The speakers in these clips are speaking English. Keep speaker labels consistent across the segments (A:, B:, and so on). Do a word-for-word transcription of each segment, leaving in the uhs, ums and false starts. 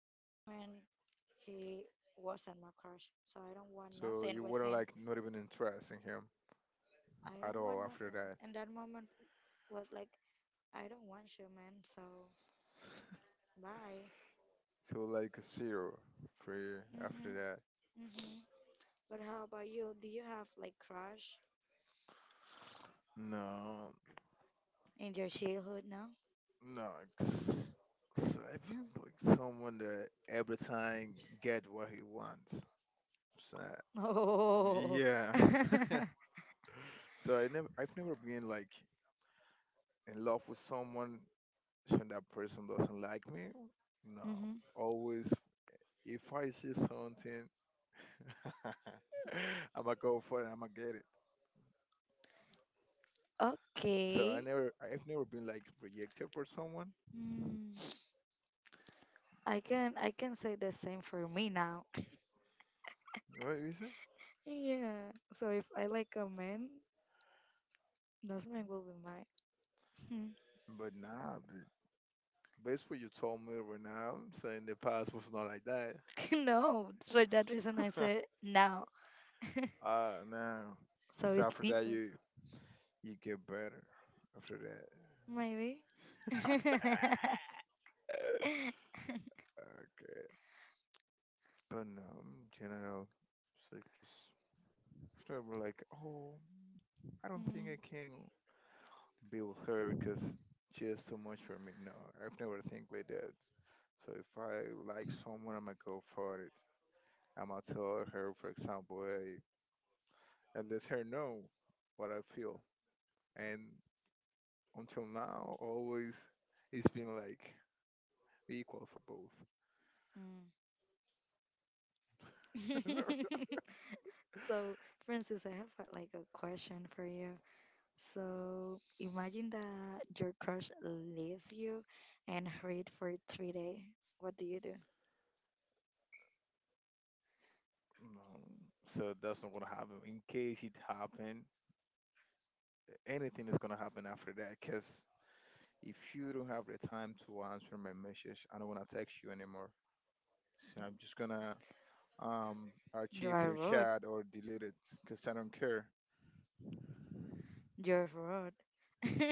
A: In that moment, he wasn't my crush, so I don't want
B: So
A: nothing
B: you
A: with
B: weren't
A: him.
B: like not even interested in him
A: I
B: at
A: don't want
B: all after
A: nothing.
B: that.
A: And that moment was like I don't want human, so bye.
B: So like zero for you after
A: Mhm,
B: that.
A: mhm. But how about you? Do you have like crush
B: No,
A: in your childhood now?
B: no, it's- so I feel like someone that every time get what he wants. So
A: Oh.
B: yeah. So I never, I've never been like in love with someone and that person doesn't like me. No,
A: Mhm.
B: always if I see something, I'ma go for it. I'ma get it. So I
A: Okay.
B: never, I've never been like rejected for someone.
A: Mm, I can I can say the same for me now.
B: What is it?
A: Yeah. So if I like a man, that man will be mine. Hmm.
B: But nah, but based what you told me right now, so in the past was not like that.
A: No, for that reason I said now.
B: Uh no.
A: So
B: So
A: it's
B: after that
A: different,
B: you you get better after that.
A: maybe.
B: Okay. But no in general it's like just after I'm like, oh I don't think
A: Mm,
B: I can be with her because she is too much for me. No, I've never think like that. So if I like someone I'ma go for it. I'ma tell her for example, hey and let her know what I feel. And until now always it's been like equal for both.
A: mm. So, Francis, I have uh, like a question for you. So, imagine that your crush leaves you and hurried for three days. What do you do?
B: No, so that's not gonna happen. In case it happen, anything is gonna happen after that. Cause if you don't have the time to answer my message, I don't wanna text you anymore. So I'm just gonna um
A: You
B: archive
A: are
B: your
A: rude.
B: chat or delete it. Cause I don't care.
A: You're rude.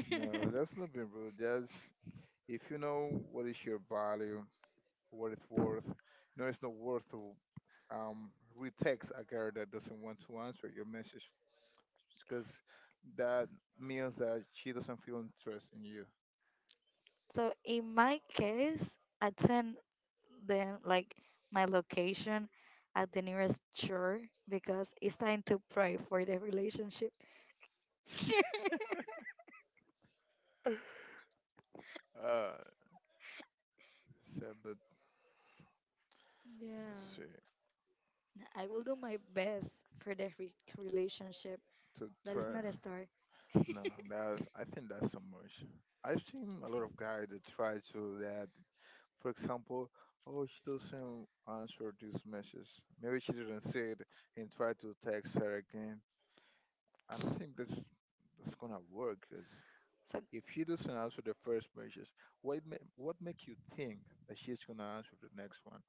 B: No, that's not being rude. That's if you know what is your value, what it's worth. You know it's not worth to um retext a girl that doesn't want to answer your message. Because that means that she doesn't feel interest in you.
A: So in my case, I send them like my location at the nearest church because it's time to pray for the relationship.
B: Uh, so but let's
A: Yeah.
B: see
A: I will do my best for that re- relationship.
B: to
A: That is
B: try.
A: not a story.
B: No, that I think that's so much. I've seen a lot of guys that try to that. For example, oh, she doesn't answer this message. Maybe she didn't see it and try to text her again. I don't think that's that's gonna work. 'Cause
A: So,
B: if she doesn't answer the first message, what ma- what make you think that she's gonna answer the next one?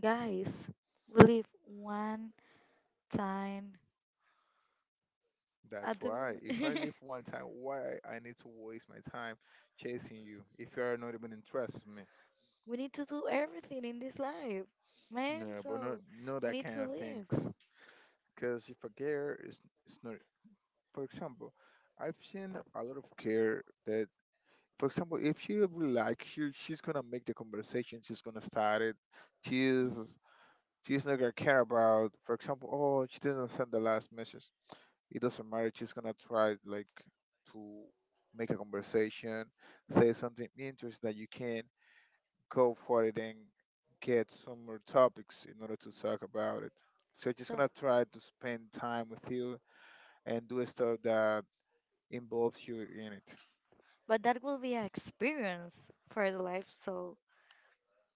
A: guys, we live one time
B: That's
A: at the
B: why.
A: moment.
B: If I leave one time, why I need to waste my time chasing you if you're not even interested in me?
A: We need to do everything in this life, man.
B: No, but no,
A: So,
B: no
A: we
B: that
A: need
B: kind
A: to
B: of
A: live.
B: things. Because if a girl is, is not, for example, I've seen a lot of girl that, for example, if she really likes you, she's gonna make the conversation. She's gonna start it. She's
A: Mhm.
B: she's not gonna care about, for example, oh, she didn't send the last message. It doesn't matter. She's gonna try like to make a conversation, say something interesting that you can go for it and get some more topics in order to talk about it. So she's
A: So,
B: gonna try to spend time with you and do stuff that involves you in it.
A: but that will be an experience for the life. So,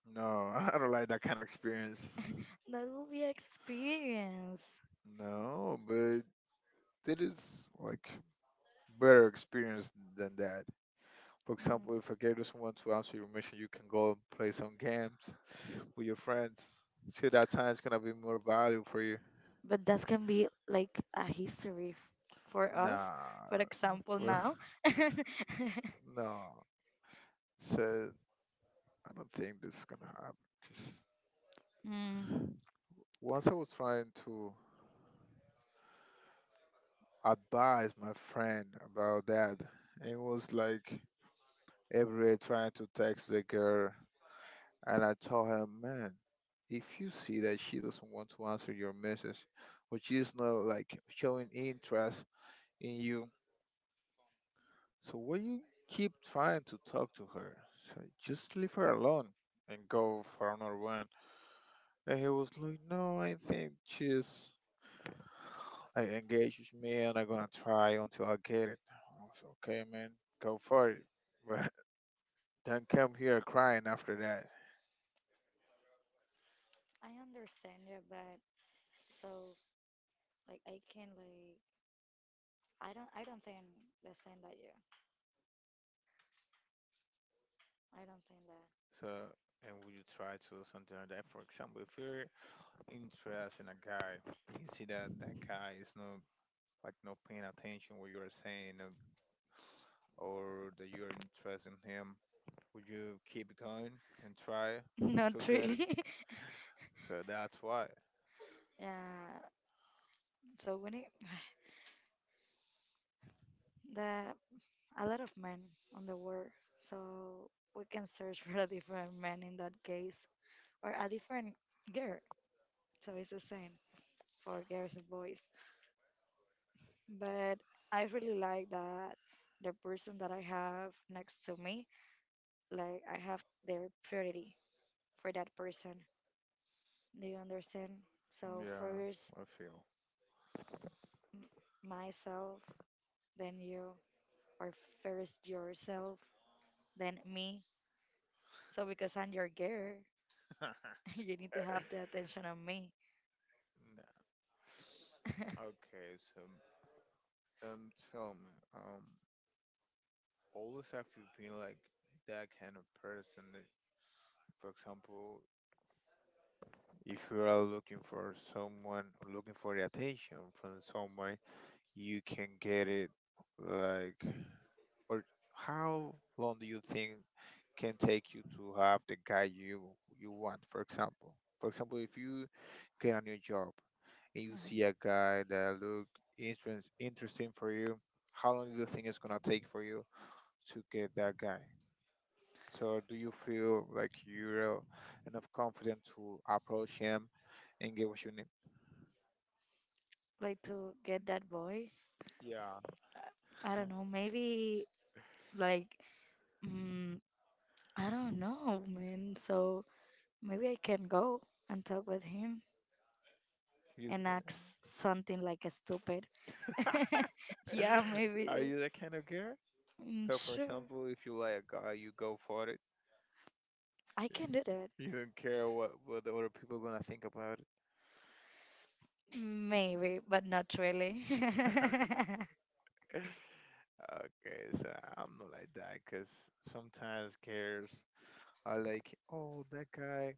B: No, I don't like that kind of experience.
A: that will be experience.
B: No, but it is like better experience than that. For
A: Mm.
B: example, if a guy doesn't want to answer your mission, you can go and play some games with your friends. See, that time is gonna be more valuable for you.
A: But that can be like a history f- for us. For
B: Nah,
A: example,
B: for
A: now.
B: no. So I don't think this is gonna happen. 'Cause
A: Mm.
B: once I was trying to advise my friend about that, and it was like every day trying to text the girl, and I told her, man, if you see that she doesn't want to answer your message, or she's not like showing interest in you, so why you keep trying to talk to her? So just leave her alone and go for another one. And he was like, no, I think she's I engage with me and I'm gonna try until I get it. I was like, okay man, go for it. But don't come here crying after that.
A: I understand you, but so like I can like I don't I don't think the same that you. I don't think that.
B: So and would you try to do something like that? For example, if you're interested in a guy and you see that that guy is not like not paying attention what you are saying um, or that you're interested in him would you keep going and try until
A: Not
B: good?
A: really.
B: So that's why.
A: Yeah. So when it the a lot of men on the world. So we can search for a different man in that case or a different girl. So it's the same for girls and boys. But I really like that the person that I have next to me, like I have their priority for that person. Do you understand? So
B: Yeah,
A: first
B: I feel.
A: m- myself, then you, or first yourself, then me. So because I'm your girl, you need to have the attention on me
B: Nah. Okay, so um, tell me, um, always have you been like that kind of person? that- For example, if you are looking for someone, looking for the attention from someone, you can get it. Like, or how long do you think can take you to have the guy you you want? For example, for example, if you get a new job and you
A: Mhm.
B: see a guy that look interest, interesting for you, how long do you think it's gonna take for you to get that guy? So do you feel like you're enough confident to approach him and get what you need?
A: Like to get that boy?
B: Yeah.
A: I don't know, maybe like mm, I don't know, man. So maybe I can go and talk with him
B: You
A: and ask something like a stupid yeah, maybe
B: Are
A: that-
B: you that kind of girl?
A: mm,
B: So for
A: sure.
B: example, if you like a guy, you go for it.
A: I can do that,
B: You don't care what what the other people gonna think about
A: maybe but not really.
B: Okay, so I'm not like that because sometimes cares are like, oh, that guy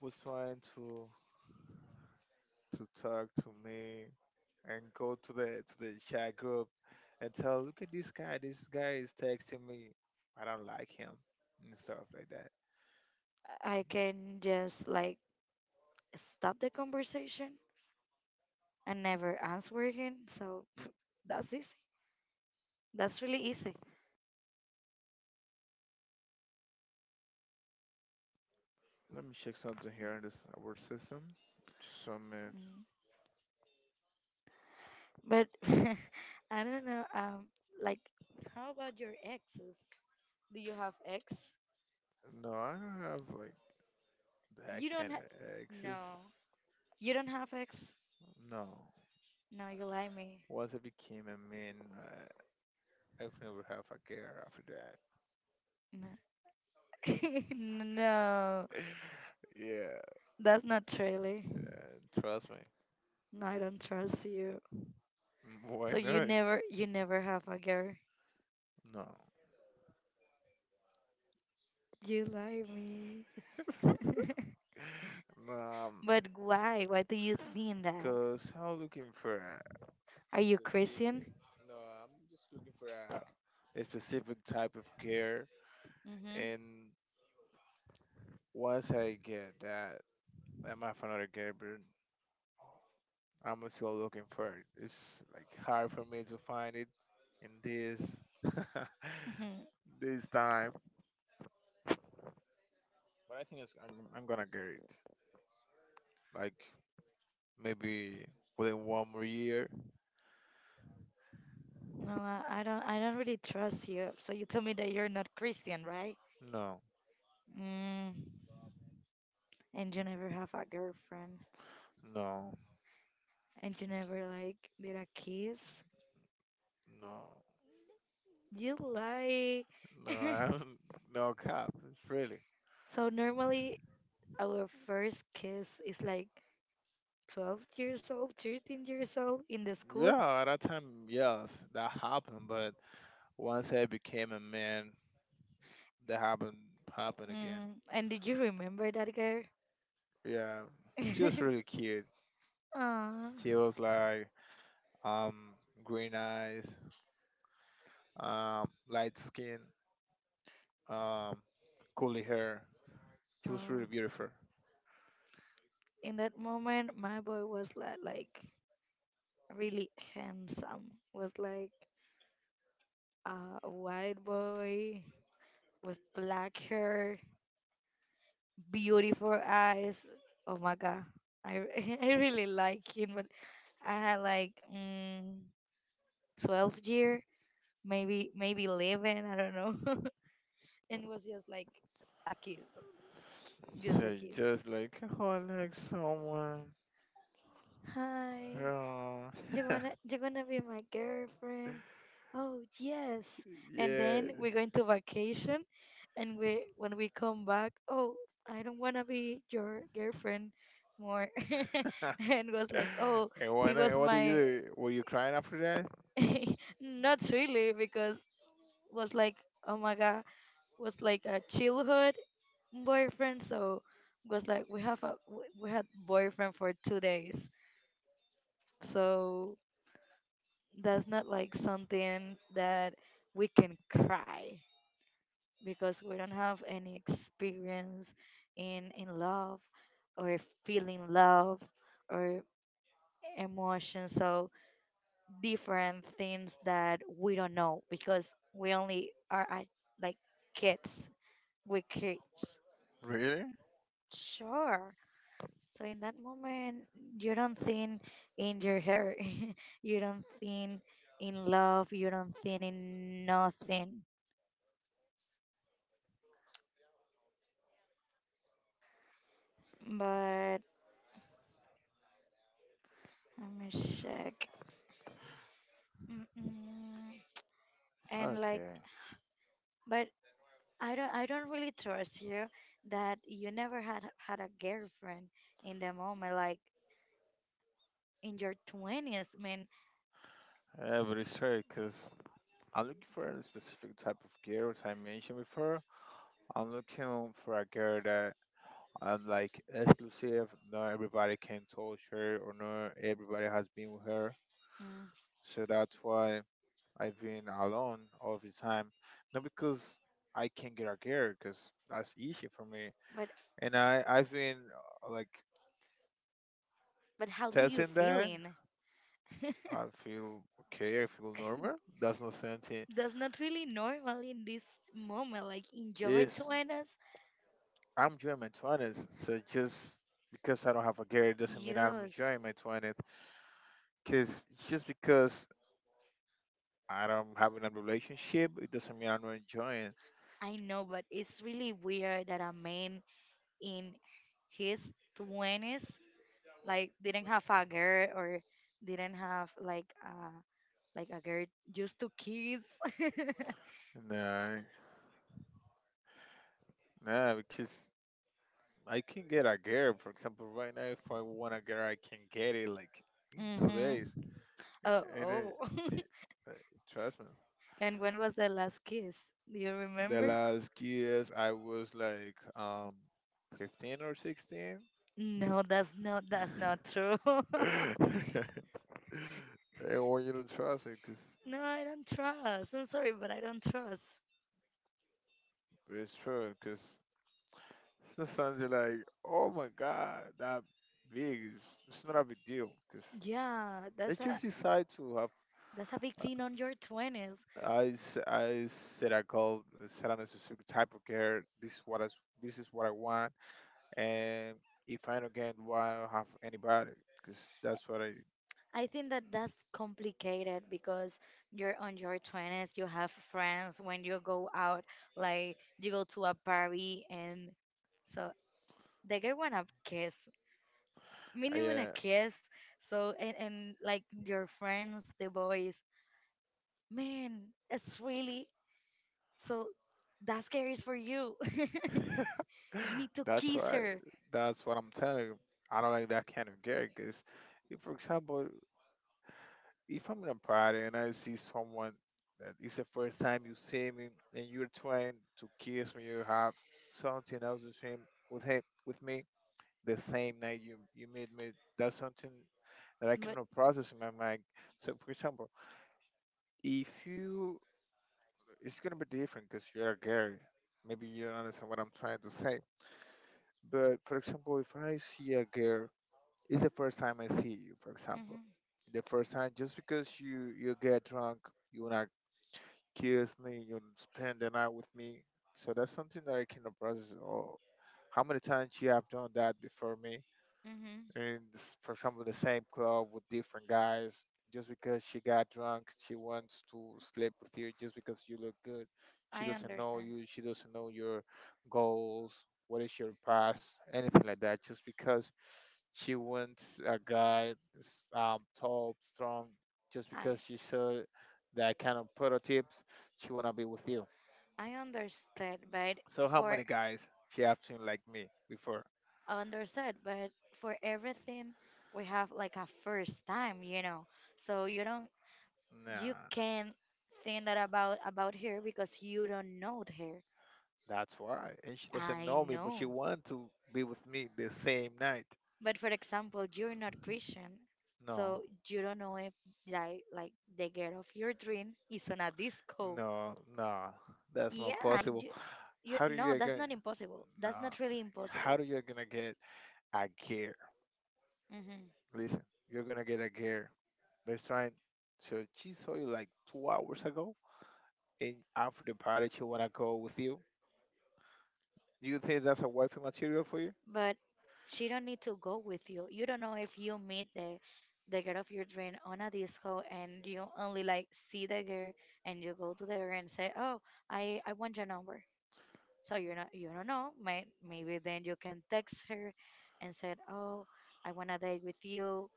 B: was trying to to talk to me and go to the to the chat group and tell, look at this guy, this guy is texting me. I don't like him and stuff like that.
A: I can just like stop the conversation and never answer again. So that's easy. That's really easy.
B: Let me check something here in this our system. Just one minute.
A: Mm. But I don't know. Um, like, how about your exes? Do you have ex?
B: No, I don't have like that
A: You don't.
B: kind of
A: Ha- no,
B: access.
A: you don't have ex.
B: No.
A: No, you lie me.
B: Once I became a man, I, I've never have a girl after
A: No. No,
B: that. yeah,
A: that's not really.
B: yeah, trust me.
A: No, I don't trust you.
B: Why
A: So you
B: not?
A: never, you never have a girl.
B: No.
A: You lie me.
B: Um,
A: But why? Why do you think that?
B: cause I'm looking for a
A: Are you
B: specific.
A: Christian?
B: No, I'm just looking for a, a specific type of care.
A: Mm-hmm.
B: And once I get that, I'm have another care, but I'm still looking for it. It's like hard for me to find it in this this time. But I think it's, I'm, I'm gonna get it. Like maybe within one more year.
A: No, I I don't. I don't really trust you. So you told me that you're not Christian, right?
B: No,
A: Mm, and you never have a girlfriend,
B: no,
A: and you never like did a kiss.
B: no,
A: You lie.
B: no. I'm, no cap. Really.
A: So normally our first kiss is like twelve years old, thirteen years old in the school.
B: Yeah, at that time, yes, that happened. But once I became a man, that happened happened again.
A: Mm, and did you remember that girl?
B: Yeah, she was really cute.
A: Aw.
B: She was like um green eyes, um light skin, um curly hair. She was really
A: Oh.
B: beautiful.
A: In that moment, my boy was like, like, really handsome. Was like uh, a white boy with black hair, beautiful eyes. Oh my god, I I really like him. But I had like mm, twelve year, maybe maybe eleven, I don't know. And it was just like a kiss, just a
B: So
A: kiss.
B: just like oh, I like someone.
A: Hi,
B: Oh.
A: you wanna you wanna be my girlfriend? Oh yes. And
B: Yeah.
A: then we're going to vacation and we when we come back, oh, I don't wanna be your girlfriend more. And was like, oh,
B: And
A: he
B: what?
A: was
B: And what did you
A: my.
B: do? Were you crying after that?
A: Not really, because was like, oh my god, was like a childhood boyfriend. So was like we have a we we had boyfriend for two days, so that's not like something that we can cry because we don't have any experience in in love or feeling love or emotion. So different things that we don't know because we only are at, like kids, we kids.
B: Really?
A: Sure. So in that moment, you don't think in your hair, you don't think in love, you don't think in nothing. But let me check. Mm-mm. And like,
B: Okay.
A: but I don't, I don't really trust you that you never had had a girlfriend in the moment, like in your twenties. I mean,
B: Yeah, but it's hard because I'm looking for a specific type of girl, as I mentioned before. I'm looking for a girl that I'm like exclusive. Not everybody can touch her, or not everybody has been with her.
A: mm,
B: So that's why I've been alone all the time. Not because I can get a girl, because that's easy for me.
A: but
B: And I, I've been uh, like
A: but how do you
B: testing that.
A: feeling?
B: I feel okay. I feel normal. That's not something.
A: That's not really normal in this moment. Like in your
B: It's
A: twenties,
B: I'm enjoying my twenties, so just because I don't have a girl doesn't mean I'm
A: yes,
B: enjoying my twenties. Cause just because I don't have a relationship, it doesn't mean I'm not enjoying.
A: I know, but it's really weird that a man in his twenties like didn't have a girl or didn't have like uh like a girl just to kiss.
B: No, no, because I can get a girl, for example, right now. If I want a girl, I can get it like in two
A: Mhm.
B: days.
A: Oh,
B: And it,
A: oh.
B: it, uh, trust me,
A: And when was the last kiss? Do you
B: the
A: remember?
B: last years I was like um fifteen or sixteen.
A: No, that's not that's not true.
B: I want you to trust me because
A: No, I don't trust. I'm sorry, but I don't trust.
B: it's true. Because sometimes you're like, oh my god, that big. It's, it's not a big deal. Because
A: Yeah,
B: they
A: that's a
B: just decide to have.
A: that's a big thing on your twenties.
B: I, s- I said I called, said I on a specific type of care. This is what I, s- this is what I want, and if I don't get what I don't have anybody, because that's what I,
A: I think that that's complicated because you're on your twenties, you have friends when you go out, like you go to a party and so the guy want a kiss,
B: I
A: minimum a
B: uh,
A: kiss. So and, and like your friends, the boys, man, it's really so that guy is for you. You need to
B: that's
A: kiss
B: why
A: her.
B: that's what I'm telling you. I don't like that kind of gear because, if, for example, if I'm in a party and I see someone that it's the first time you see me and you're trying to kiss me, you have something else to share with him with me the same night you you meet me. That's something that I
A: But
B: cannot process in my mind. So, for example, if you, it's going to be different because you're a girl. Maybe you don't understand what I'm trying to say. But for example, if I see a girl, it's the first time I see you, for example.
A: hmm
B: The first time, just because you, you get drunk, you want to kiss me, you wanna spend the night with me. So that's something that I cannot process. Oh, how many times you have done that before me?
A: hmm
B: In s- for example, the same club with different guys, just because she got drunk, she wants to sleep with you just because you look good. She
A: I
B: doesn't know
A: understand.
B: you, she doesn't know your goals, what is your past, anything like that. Just because she wants a guy s- um, tall, strong, just because
A: I
B: she saw that kind of prototypes, she want to be with you.
A: I understood, but
B: So how
A: for
B: many guys she have seen like me before?
A: understood but for everything we have like a first time, you know so you don't you
B: Nah.
A: can't think that about about her because you don't know her.
B: That's why. And she doesn't
A: I
B: know me, but she
A: know,
B: wants to be with me the same night.
A: but for example you're not Christian,
B: No,
A: so you don't know if like like the girl of your dream is on a disco.
B: no, no. That's not
A: Yeah,
B: possible.
A: you, you
B: How do
A: no
B: you
A: that's
B: get?
A: not impossible,
B: No.
A: that's not really
B: How
A: impossible.
B: do you gonna get a girl?
A: Hmm.
B: Listen, you're gonna get a girl. Let's try. And, so she saw you like two hours ago, and after the party, she wanna go with you. Do you think that's a wifey material for you?
A: But she don't need to go with you. You don't know if you meet the the girl of your dream on a disco and you only like see the girl and you go to the girl and say, "Oh, I I want your number." So you're not you don't know. May, maybe then you can text her and said, "Oh, I want to date with you."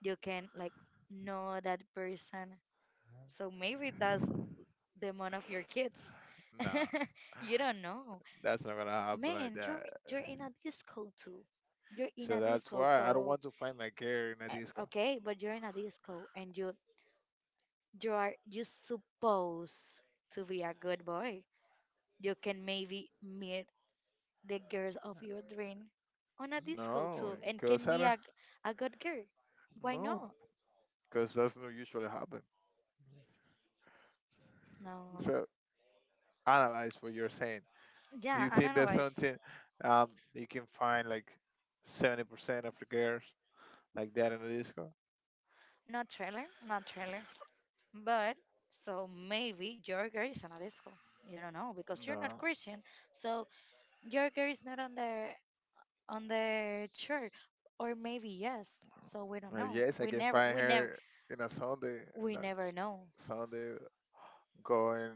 A: You can like know that person. So maybe that's the mom of your kids.
B: Nah,
A: You don't know.
B: that's not gonna happen like
A: Man, you're
B: that.
A: you're in a disco too. You're in
B: So
A: a
B: that's
A: disco,
B: why I don't
A: so
B: want to find my girl in a
A: eh,
B: disco.
A: okay, but you're in a disco and you you are you supposed to be a good boy. You can maybe meet the girls of your dream on a disco
B: No,
A: too and
B: because
A: can
B: I
A: be
B: don't.
A: a, a good girl. Why
B: No,
A: not?
B: because that's not usually happen.
A: No.
B: So analyze what you're saying. Do
A: Yeah,
B: you think there's
A: analyze.
B: something um you can find like seventy percent of the girls like that in the disco?
A: Not trailer, not trailer. But so maybe Jorger is on a disco. You don't know because you're not
B: No.
A: Christian. So Jorger is not on the on the church, or maybe yes. So we don't
B: Well,
A: know.
B: yes, I
A: We
B: can
A: never,
B: find
A: we never,
B: her in a Sunday, in
A: we
B: a
A: never know.
B: Sunday going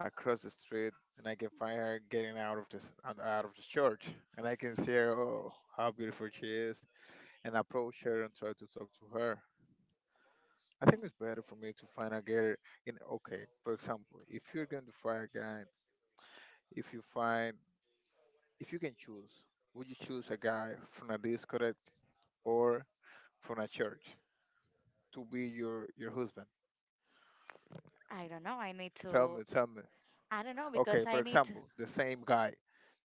B: across the street, and I can find her getting out of this out out of the church, and I can see her. Oh, how beautiful she is, and approach her and try to talk to her. I think it's better for me to find a gear in okay, for example, if you're going to find a guy, if you find if you can choose, would you choose a guy from a discotheque or from a church to be your your husband?
A: I don't know. I need
B: Tell
A: to.
B: me, tell me.
A: I don't know
B: Okay,
A: because
B: for
A: I need to-
B: example, the same guy.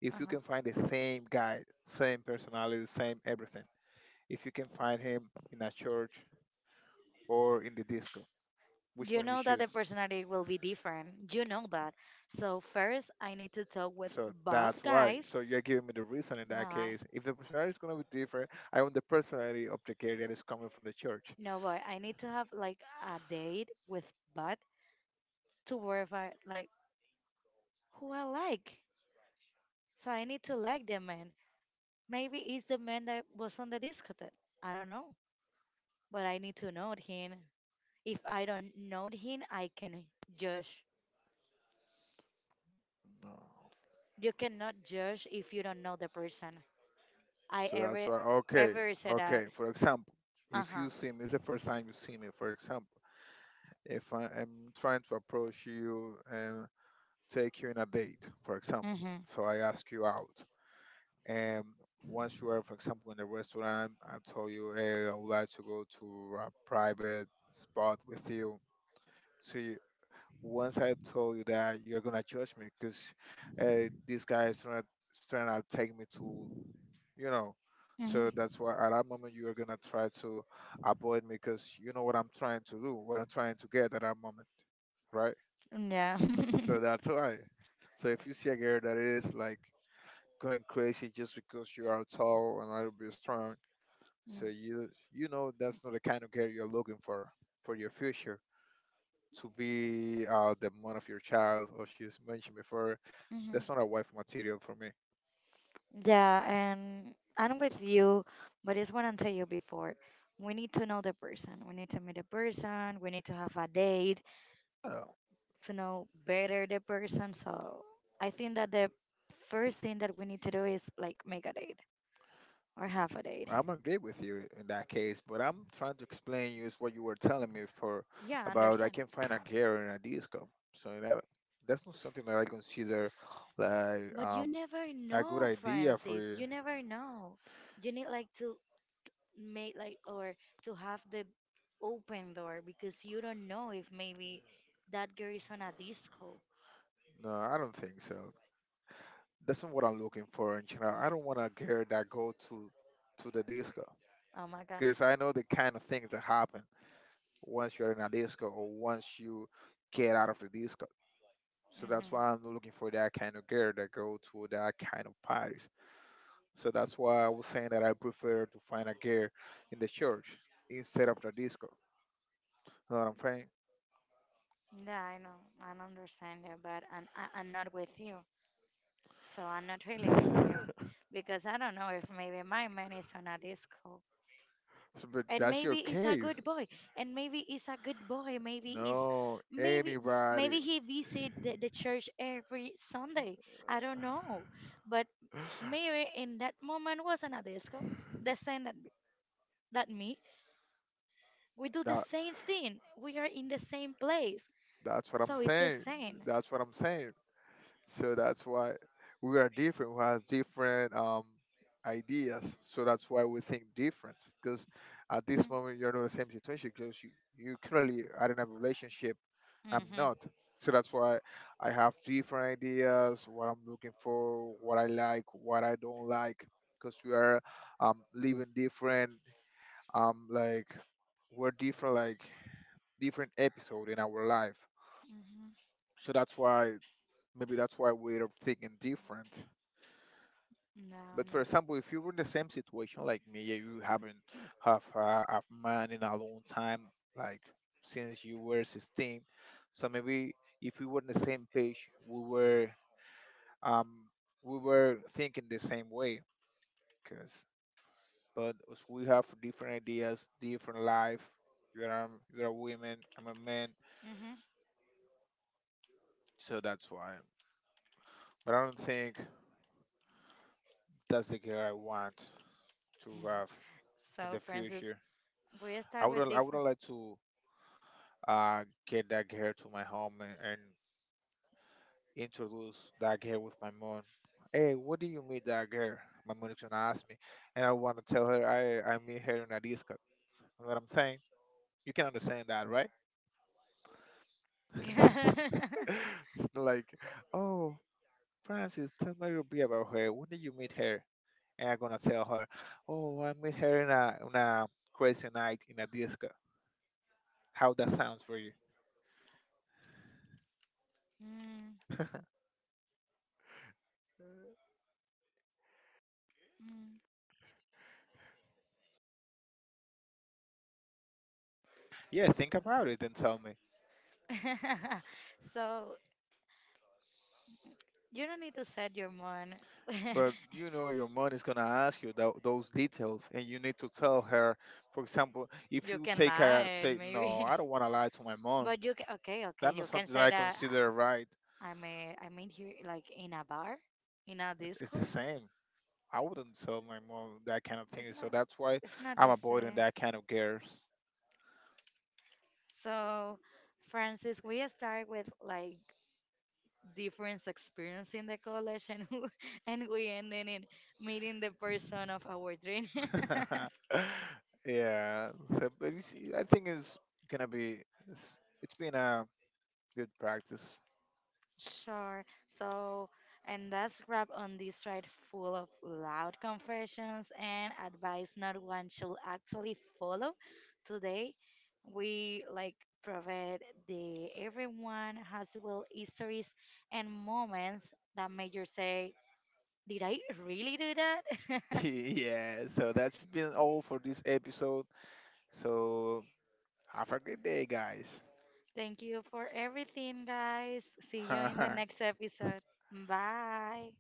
B: If you can
A: Uh-huh.
B: find the same guy, same personality, same everything. If you can find him in a church or in the disco, which
A: You
B: one you
A: know that the
B: choose?
A: personality will be different. You know that. So first, I need to talk with
B: So
A: both
B: that's why.
A: guys.
B: So you're giving me the reason in
A: No,
B: that
A: I,
B: case. If the personality is going to be different, I want the personality of the guy that is coming from the church.
A: no, boy. I need to have like a date with both to verify like who I like. So I need to like the man. Maybe it's the man that was on the discotheque. I don't know. But I need to know him. If I don't know him, I can judge.
B: No.
A: You cannot judge if you don't know the person. I
B: So that's
A: ever
B: why. Okay.
A: ever said that.
B: Okay. For example, if
A: Uh-huh.
B: you see me, it's the first time you see me. For example, if I am trying to approach you and take you in a date, for example,
A: Mm-hmm.
B: so I ask you out, and once you are, for example, in a restaurant, I tell you, hey, I would like to go to a private spot with you. So you, once I told you that you're gonna judge me because uh, this guy is trying to, trying to take me to, you know. So
A: Mm-hmm.
B: that's why at that moment you are gonna try to avoid me because you know what I'm trying to do, what I'm trying to get at that moment, right?
A: Yeah.
B: So that's why. So if you see a girl that is like going crazy just because you are tall and a little bit strong, so you you know that's not the kind of girl you're looking for for your future to be uh, the mom of your child, or she's mentioned before,
A: Mm-hmm.
B: that's not a wife material for me.
A: Yeah, and I'm with you, but it's what I tell you before. We need to know the person. We need to meet the person. We need to have a date
B: Uh,
A: to know better the person. So I think that the first thing that we need to do is like make a date or have a date.
B: I'm agree with you in that case, but I'm trying to explain you is what you were telling me for
A: Yeah, I
B: about I
A: understand.
B: can find a girl in a disco. So that that's not something that I consider like
A: But you
B: um
A: never
B: a good
A: know,
B: idea for
A: Francis.
B: you.
A: You never know. You need like to make like or to have the open door because you don't know if maybe that girl is on a disco.
B: No, I don't think so. That's not what I'm looking for in general. I don't want a girl that go to to the disco
A: Oh my.
B: because I know the kind of things that happen once you're in a disco or once you get out of the disco. So that's
A: Mm-hmm.
B: why I'm looking for that kind of girl that go to that kind of parties. So that's why I was saying that I prefer to find a girl in the church instead of the disco. You know what I'm
A: Yeah, I know. I don't understand you, but I'm, I- I'm not with you. So I'm not really with
B: saying?
A: you because I don't know if maybe my man is on a disco.
B: So, but
A: And
B: that's your
A: maybe he's a
B: case.
A: good boy. And maybe he's a good boy. Maybe he's
B: No,
A: maybe
B: anybody.
A: maybe he visit the, the church every Sunday. I don't know. But maybe in that moment was on a disco. The same that that me. We do the
B: That
A: same thing. We are in the same place.
B: that's what I'm
A: So it's the
B: saying.
A: same.
B: That's what I'm saying. So that's why we are different. We have different um, ideas. So that's why we think different. Because at this moment, you're not in the same situation because you, you currently are in a relationship.
A: Mm.
B: I'm
A: Mhm.
B: not. So that's why I have different ideas, what I'm looking for, what I like, what I don't like. Because we are um, living different, um, like we're different, like different episode in our life.
A: Mhm.
B: So that's why maybe that's why we're thinking different.
A: No,
B: But
A: no.
B: for example, if you were in the same situation like me, yeah, you haven't have uh, a man in a long time, like since you were sixteen. So maybe if we were on the same page, we were um we were thinking the same way, cause but as we have different ideas, different life. You're a, you're a woman, I'm a man,
A: Mhm.
B: so that's why. But I don't think that's the girl I want to have in the
A: So, Francis,
B: future.
A: we
B: I
A: start
B: would
A: with
B: I would
A: different.
B: like to uh, get that girl to my home and, and introduce that girl with my mom. Hey, what do you meet that girl? My mom is gonna ask me, and I want to tell her I I meet her in a disco. You know what I'm saying? You can understand that, right? it's not like, oh, Francis, tell me a little bit about her. When did you meet her? And I'm gonna tell her, oh, I met her in a in a crazy night in a disco. How that sounds for you?
A: Mm, mm,
B: Yeah, think about
A: I'm
B: it and tell me.
A: sorry. So you don't need to set your mind.
B: But you know, your mom is gonna ask you tho- those details, and you need to tell her. For example, if
A: You
B: you
A: can
B: take
A: lie,
B: a
A: and
B: say, no,
A: maybe.
B: I don't want to lie to my mom.
A: But you can, okay, okay.
B: That's not
A: You can
B: something that
A: say
B: I
A: that
B: consider
A: uh,
B: right.
A: I mean, I mean here, like in a bar, in a
B: It's
A: disco.
B: the same. I wouldn't tell my mom that kind of
A: It's
B: thing. So
A: not,
B: that's why
A: it's not
B: I'm
A: the
B: avoiding
A: same.
B: that kind of girls.
A: So, Francis, we start with like different experience in the college, and and we ended in meeting the person of our dream.
B: yeah. So, but you see, I think it's gonna be. It's, it's been a good practice.
A: Sure. So, and that's wrap on this ride full of loud confessions and advice not one should actually follow. Today, we like provide the everyone has well histories and moments that made you say, "Did I really do that?"
B: yeah. So that's been all for this episode. So have a great day, guys.
A: Thank you for everything, guys. See you in the next episode. Bye.